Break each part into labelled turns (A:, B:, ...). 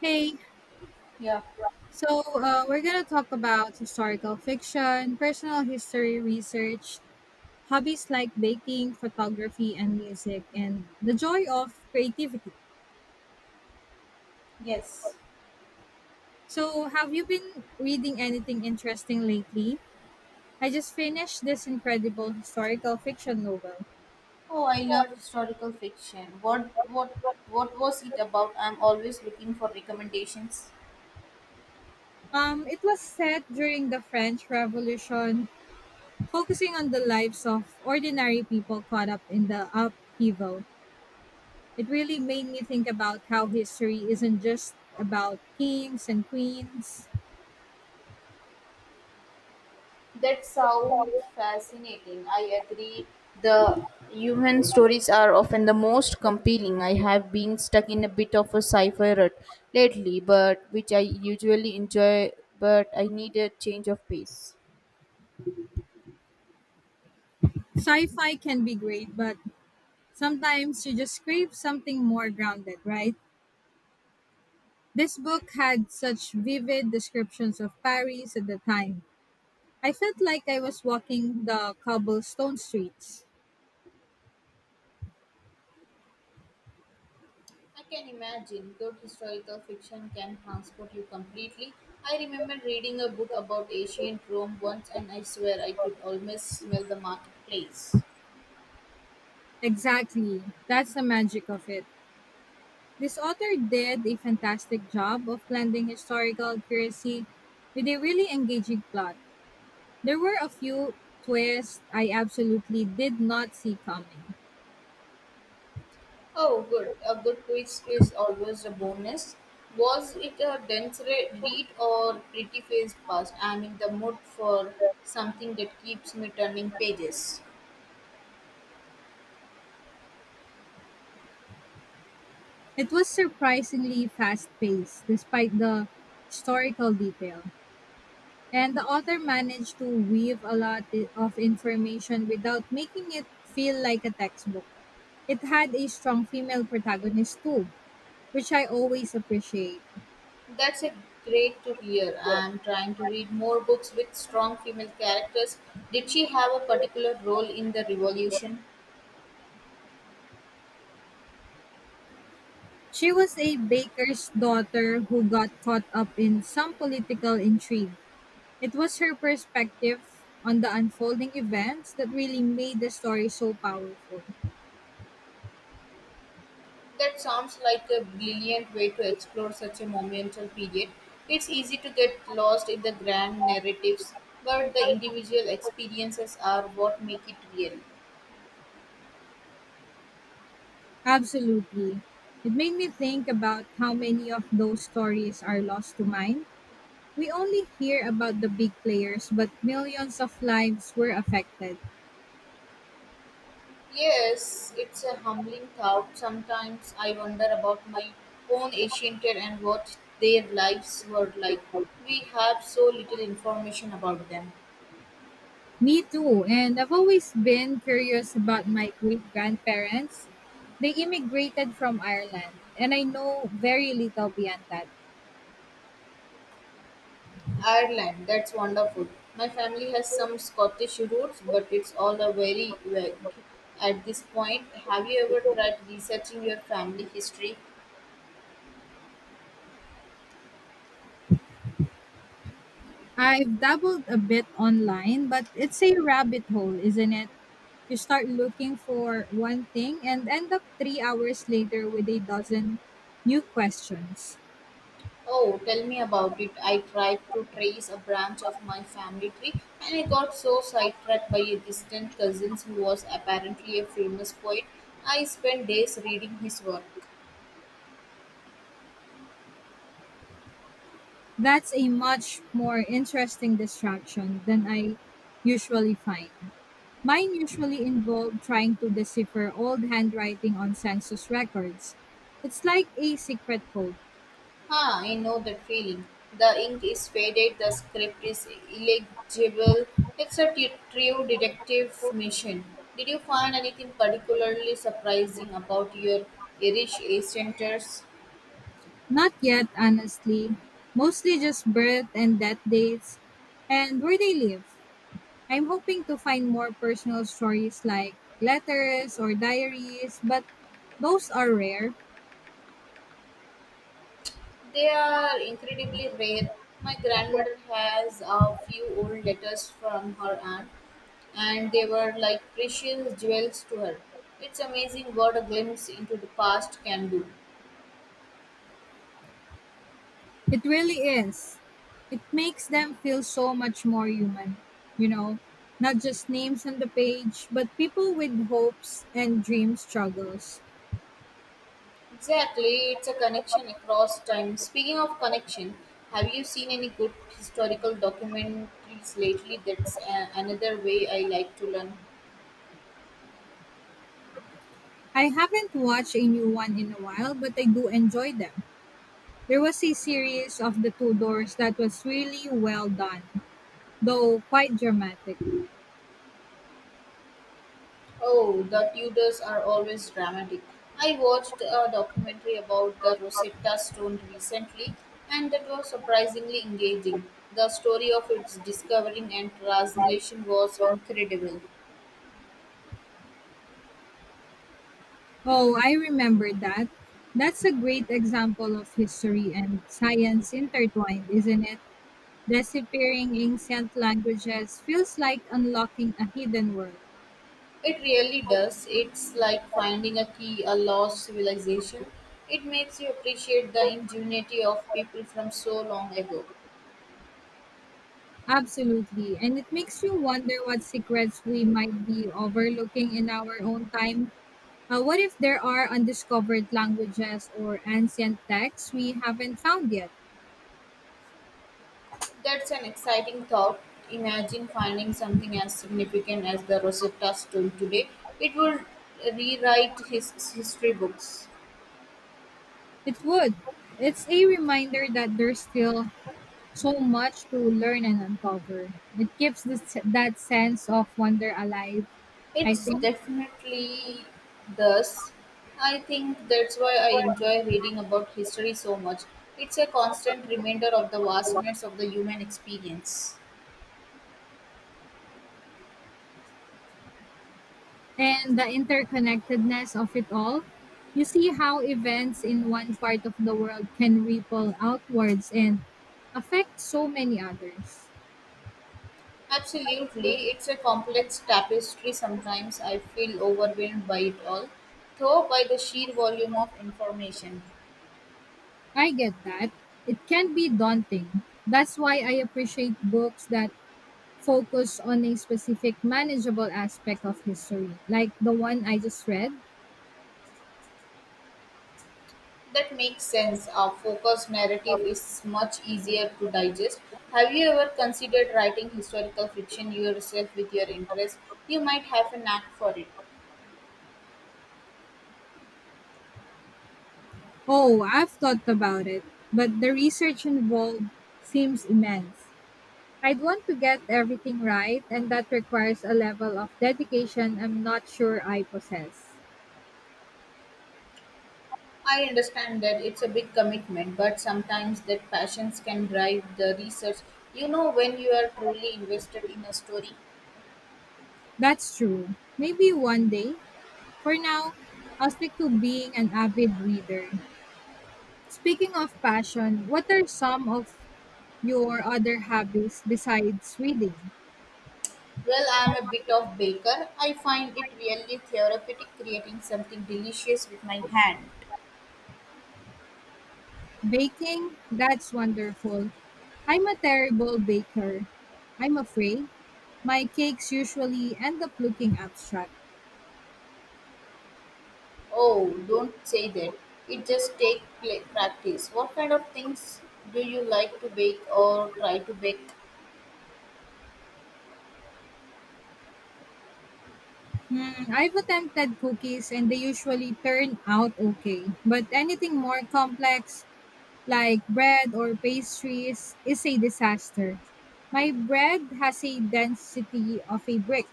A: Hey,
B: Yeah.
A: we're going to talk about historical fiction, personal history research, hobbies like baking, photography, and music, and the joy of creativity.
B: Yes.
A: So, have you been reading anything interesting lately? I just finished this incredible historical fiction novel.
B: Oh, I love historical fiction. What was it about? I'm always looking for recommendations.
A: It was set during the French Revolution, focusing on the lives of ordinary people caught up in the upheaval. It really made me think about how history isn't just about kings and queens.
B: That sounds fascinating. I agree. The human stories are often the most compelling. I have been stuck in a bit of a sci-fi rut lately, but which I usually enjoy, but I need a change of pace.
A: Sci fi can be great, but sometimes you just crave something more grounded, right? This book had such vivid descriptions of Paris at the time. I felt like I was walking the cobblestone streets.
B: I can imagine good historical fiction can transport you completely. I remember reading a book about ancient Rome once and I swear I could almost smell the marketplace.
A: Exactly. That's the magic of it. This author did a fantastic job of blending historical accuracy with a really engaging plot. There were a few twists I absolutely did not see coming.
B: Oh, good. A good twist is always a bonus. Was it a dense read or pretty fast past? I'm in the mood for something that keeps me turning pages.
A: It was surprisingly fast paced, despite the historical detail. And the author managed to weave a lot of information without making it feel like a textbook. It had a strong female protagonist too, which I always appreciate.
B: That's a great to hear. I'm trying to read more books with strong female characters. Did she have a particular role in the revolution?
A: She was a baker's daughter who got caught up in some political intrigue. It was her perspective on the unfolding events that really made the story so powerful.
B: That sounds like a brilliant way to explore such a monumental period. It's easy to get lost in the grand narratives, but the individual experiences are what make it real.
A: Absolutely. It made me think about how many of those stories are lost to mine. We only hear about the big players, but millions of lives were affected.
B: Yes, it's a humbling thought. Sometimes I wonder about my own ancient and what their lives were like. We have so little information about them.
A: Me too, and I've always been curious about my great grandparents. They immigrated from Ireland, and I know very little beyond that.
B: Ireland, that's wonderful. My family has some Scottish roots, but it's all a very vague at this point. Have you ever tried researching your family history?
A: I've dabbled a bit online, but it's a rabbit hole, isn't it? You start looking for one thing and end up 3 hours later with a dozen new questions.
B: Oh, tell me about it. I tried to trace a branch of my family tree and I got so sidetracked by a distant cousin who was apparently a famous poet. I spent days reading his work.
A: That's a much more interesting distraction than I usually find. Mine usually involve trying to decipher old handwriting on census records. It's like a secret code.
B: Ah, I know that feeling. The ink is faded, the script is illegible. It's a true detective mission. Did you find anything particularly surprising about your Irish ancestors?
A: Not yet, honestly. Mostly just birth and death dates and where they live. I'm hoping to find more personal stories like letters or diaries, but those are rare.
B: They are incredibly rare. My grandmother has a few old letters from her aunt, and they were like precious jewels to her. It's amazing what a glimpse into the past can do.
A: It really is. It makes them feel so much more human, you know, not just names on the page, but people with hopes and dream struggles.
B: Exactly, it's a connection across time. Speaking of connection, have you seen any good historical documentaries lately? That's another way I like to learn.
A: I haven't watched a new one in a while, but I do enjoy them. There was a series of the Tudors that was really well done, though quite dramatic.
B: Oh, the Tudors are always dramatic. I watched a documentary about the Rosetta Stone recently, and that was surprisingly engaging. The story of its discovering and translation was incredible.
A: Oh, I remember that. That's a great example of history and science intertwined, isn't it? Deciphered ancient languages feels like unlocking a hidden world.
B: It really does. It's like finding a key, a lost civilization. It makes you appreciate the ingenuity of people from so long ago.
A: Absolutely. And it makes you wonder what secrets we might be overlooking in our own time. What if there are undiscovered languages or ancient texts we haven't found yet?
B: That's an exciting thought. Imagine finding something as significant as the Rosetta Stone today. It would rewrite his history books.
A: It would. It's a reminder that there's still so much to learn and uncover. It keeps this, that sense of wonder alive, I
B: It's
A: think,
B: definitely thus. I think that's why I enjoy reading about history so much. It's a constant reminder of the vastness of the human experience.
A: and the interconnectedness of it all. You see how events in one part of the world can ripple outwards and affect so many others.
B: Absolutely, it's a complex tapestry. Sometimes I feel overwhelmed by it all, though by the sheer volume of information.
A: I get that. It can be daunting. That's why I appreciate books that focus on a specific manageable aspect of history, like the one I just read.
B: That makes sense. A focused narrative is much easier to digest. Have you ever considered writing historical fiction yourself with your interest? You might have a knack for it.
A: Oh, I've thought about it, but the research involved seems immense. I'd want to get everything right, and that requires a level of dedication I'm not sure I possess.
B: I understand that it's a big commitment, but sometimes that passions can drive the research. You know when you are truly invested in a story.
A: That's true. Maybe one day. For now, I'll stick to being an avid reader. Speaking of passion, what are some of your other hobbies besides reading?
B: Well, I am a bit of baker. I find it really therapeutic creating something delicious with my hand.
A: Baking? That's wonderful. I'm a terrible baker. I'm afraid. My cakes usually end up looking abstract.
B: Oh, don't say that. It just take pla practice. What kind of things do you like to bake or try to bake?
A: Hmm, I've attempted cookies and they usually turn out okay. But anything more complex, like bread or pastries, is a disaster. My bread has a density of a brick.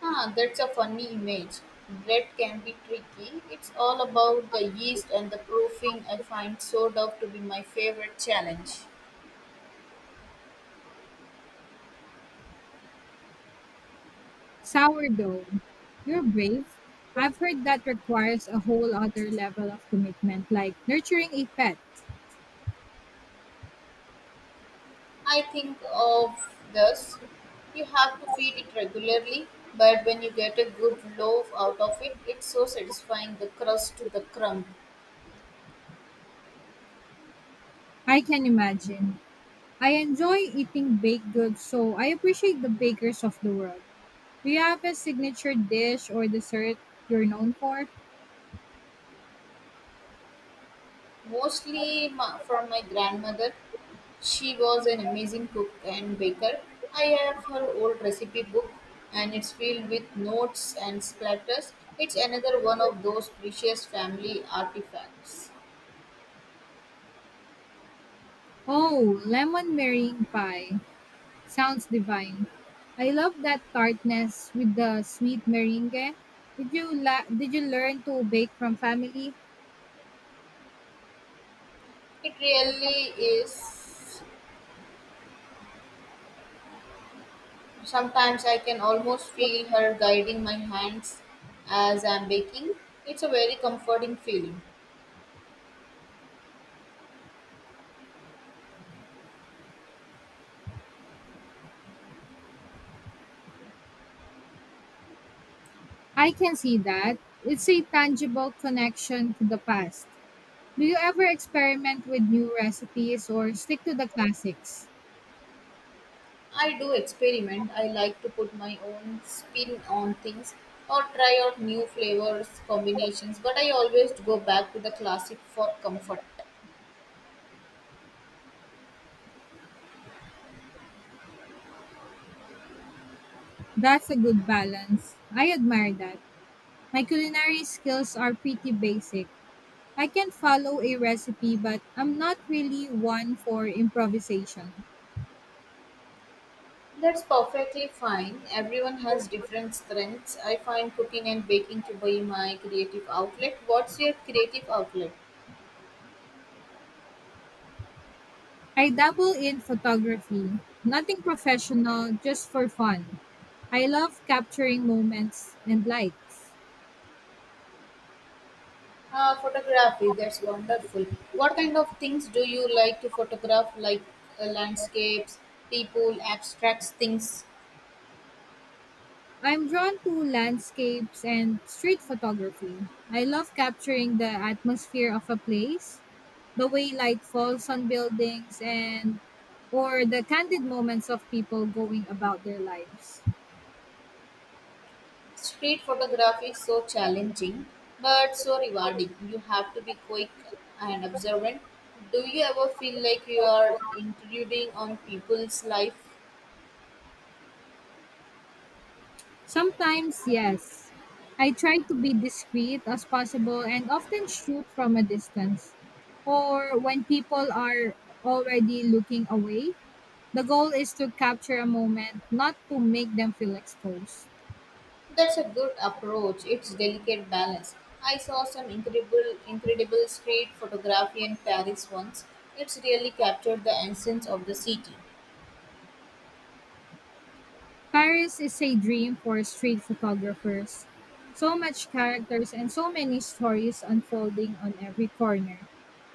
B: Ah, that's a funny image. Bread can be tricky. It's all about the yeast and the proofing. I find sourdough to be my favorite challenge.
A: Sourdough. You're brave. I've heard that requires a whole other level of commitment, like nurturing a pet.
B: I think of this. You have to feed it regularly, but when you get a good loaf out of it, it's so satisfying the crust to the crumb.
A: I can imagine. I enjoy eating baked goods, so I appreciate the bakers of the world. Do you have a signature dish or dessert you're known for?
B: Mostly from my grandmother. She was an amazing cook and baker. I have her old recipe book and it's filled with notes and splatters. It's another one of those precious family artifacts.
A: Oh, lemon meringue pie. Sounds divine. I love that tartness with the sweet meringue. Did you learn to bake from family?
B: It really is. Sometimes I can almost feel her guiding my hands as I'm baking. It's a very comforting feeling.
A: I can see that. It's a tangible connection to the past. Do you ever experiment with new recipes or stick to the classics?
B: I do experiment. I like to put my own spin on things or try out new flavors, combinations, but I always go back to the classic for comfort.
A: That's a good balance. I admire that. My culinary skills are pretty basic. I can follow a recipe, but I'm not really one for improvisation.
B: That's perfectly fine. Everyone has different strengths. I find cooking and baking to be my creative outlet. What's your creative outlet?
A: I dabble in photography, nothing professional, just for fun. I love capturing moments and lights.
B: Ah, photography. That's wonderful. What kind of things do you like to photograph, like landscapes, people, abstracts, things?
A: I'm drawn to landscapes and street photography. I love capturing the atmosphere of a place, the way light falls on buildings and or the candid moments of people going about their lives.
B: Street photography is so challenging but so rewarding. You have to be quick and observant. Do you ever feel like you are intruding on people's life?
A: Sometimes, yes, I try to be discreet as possible and often shoot from a distance. Or when people are already looking away, the goal is to capture a moment, not to make them feel exposed.
B: That's a good approach. It's delicate balance. I saw some incredible street photography in Paris once. It's really captured the essence of the city.
A: Paris is a dream for street photographers. So much characters and so many stories unfolding on every corner.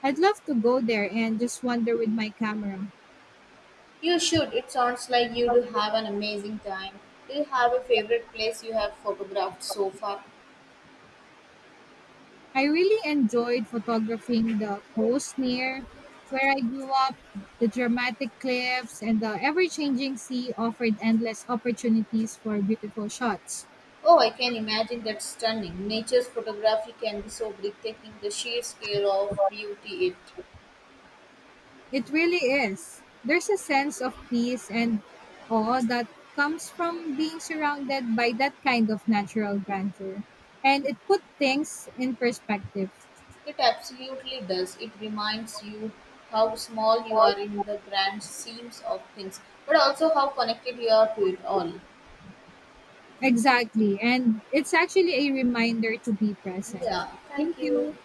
A: I'd love to go there and just wander with my camera.
B: You should. It sounds like you do have an amazing time. Do you have a favorite place you have photographed so far?
A: I really enjoyed photographing the coast near where I grew up. The dramatic cliffs and the ever changing sea offered endless opportunities for beautiful shots.
B: Oh, I can imagine that's stunning. Nature's photography can be so breathtaking, the sheer scale of beauty
A: It really is. There's a sense of peace and awe that comes from being surrounded by that kind of natural grandeur. And it put things in perspective.
B: it absolutely does. It reminds you how small you are in the grand schemes of things, but also how connected you are to it all.
A: Exactly. And it's actually a reminder to be present.
B: Yeah, thank
A: Thank
B: you.
A: you.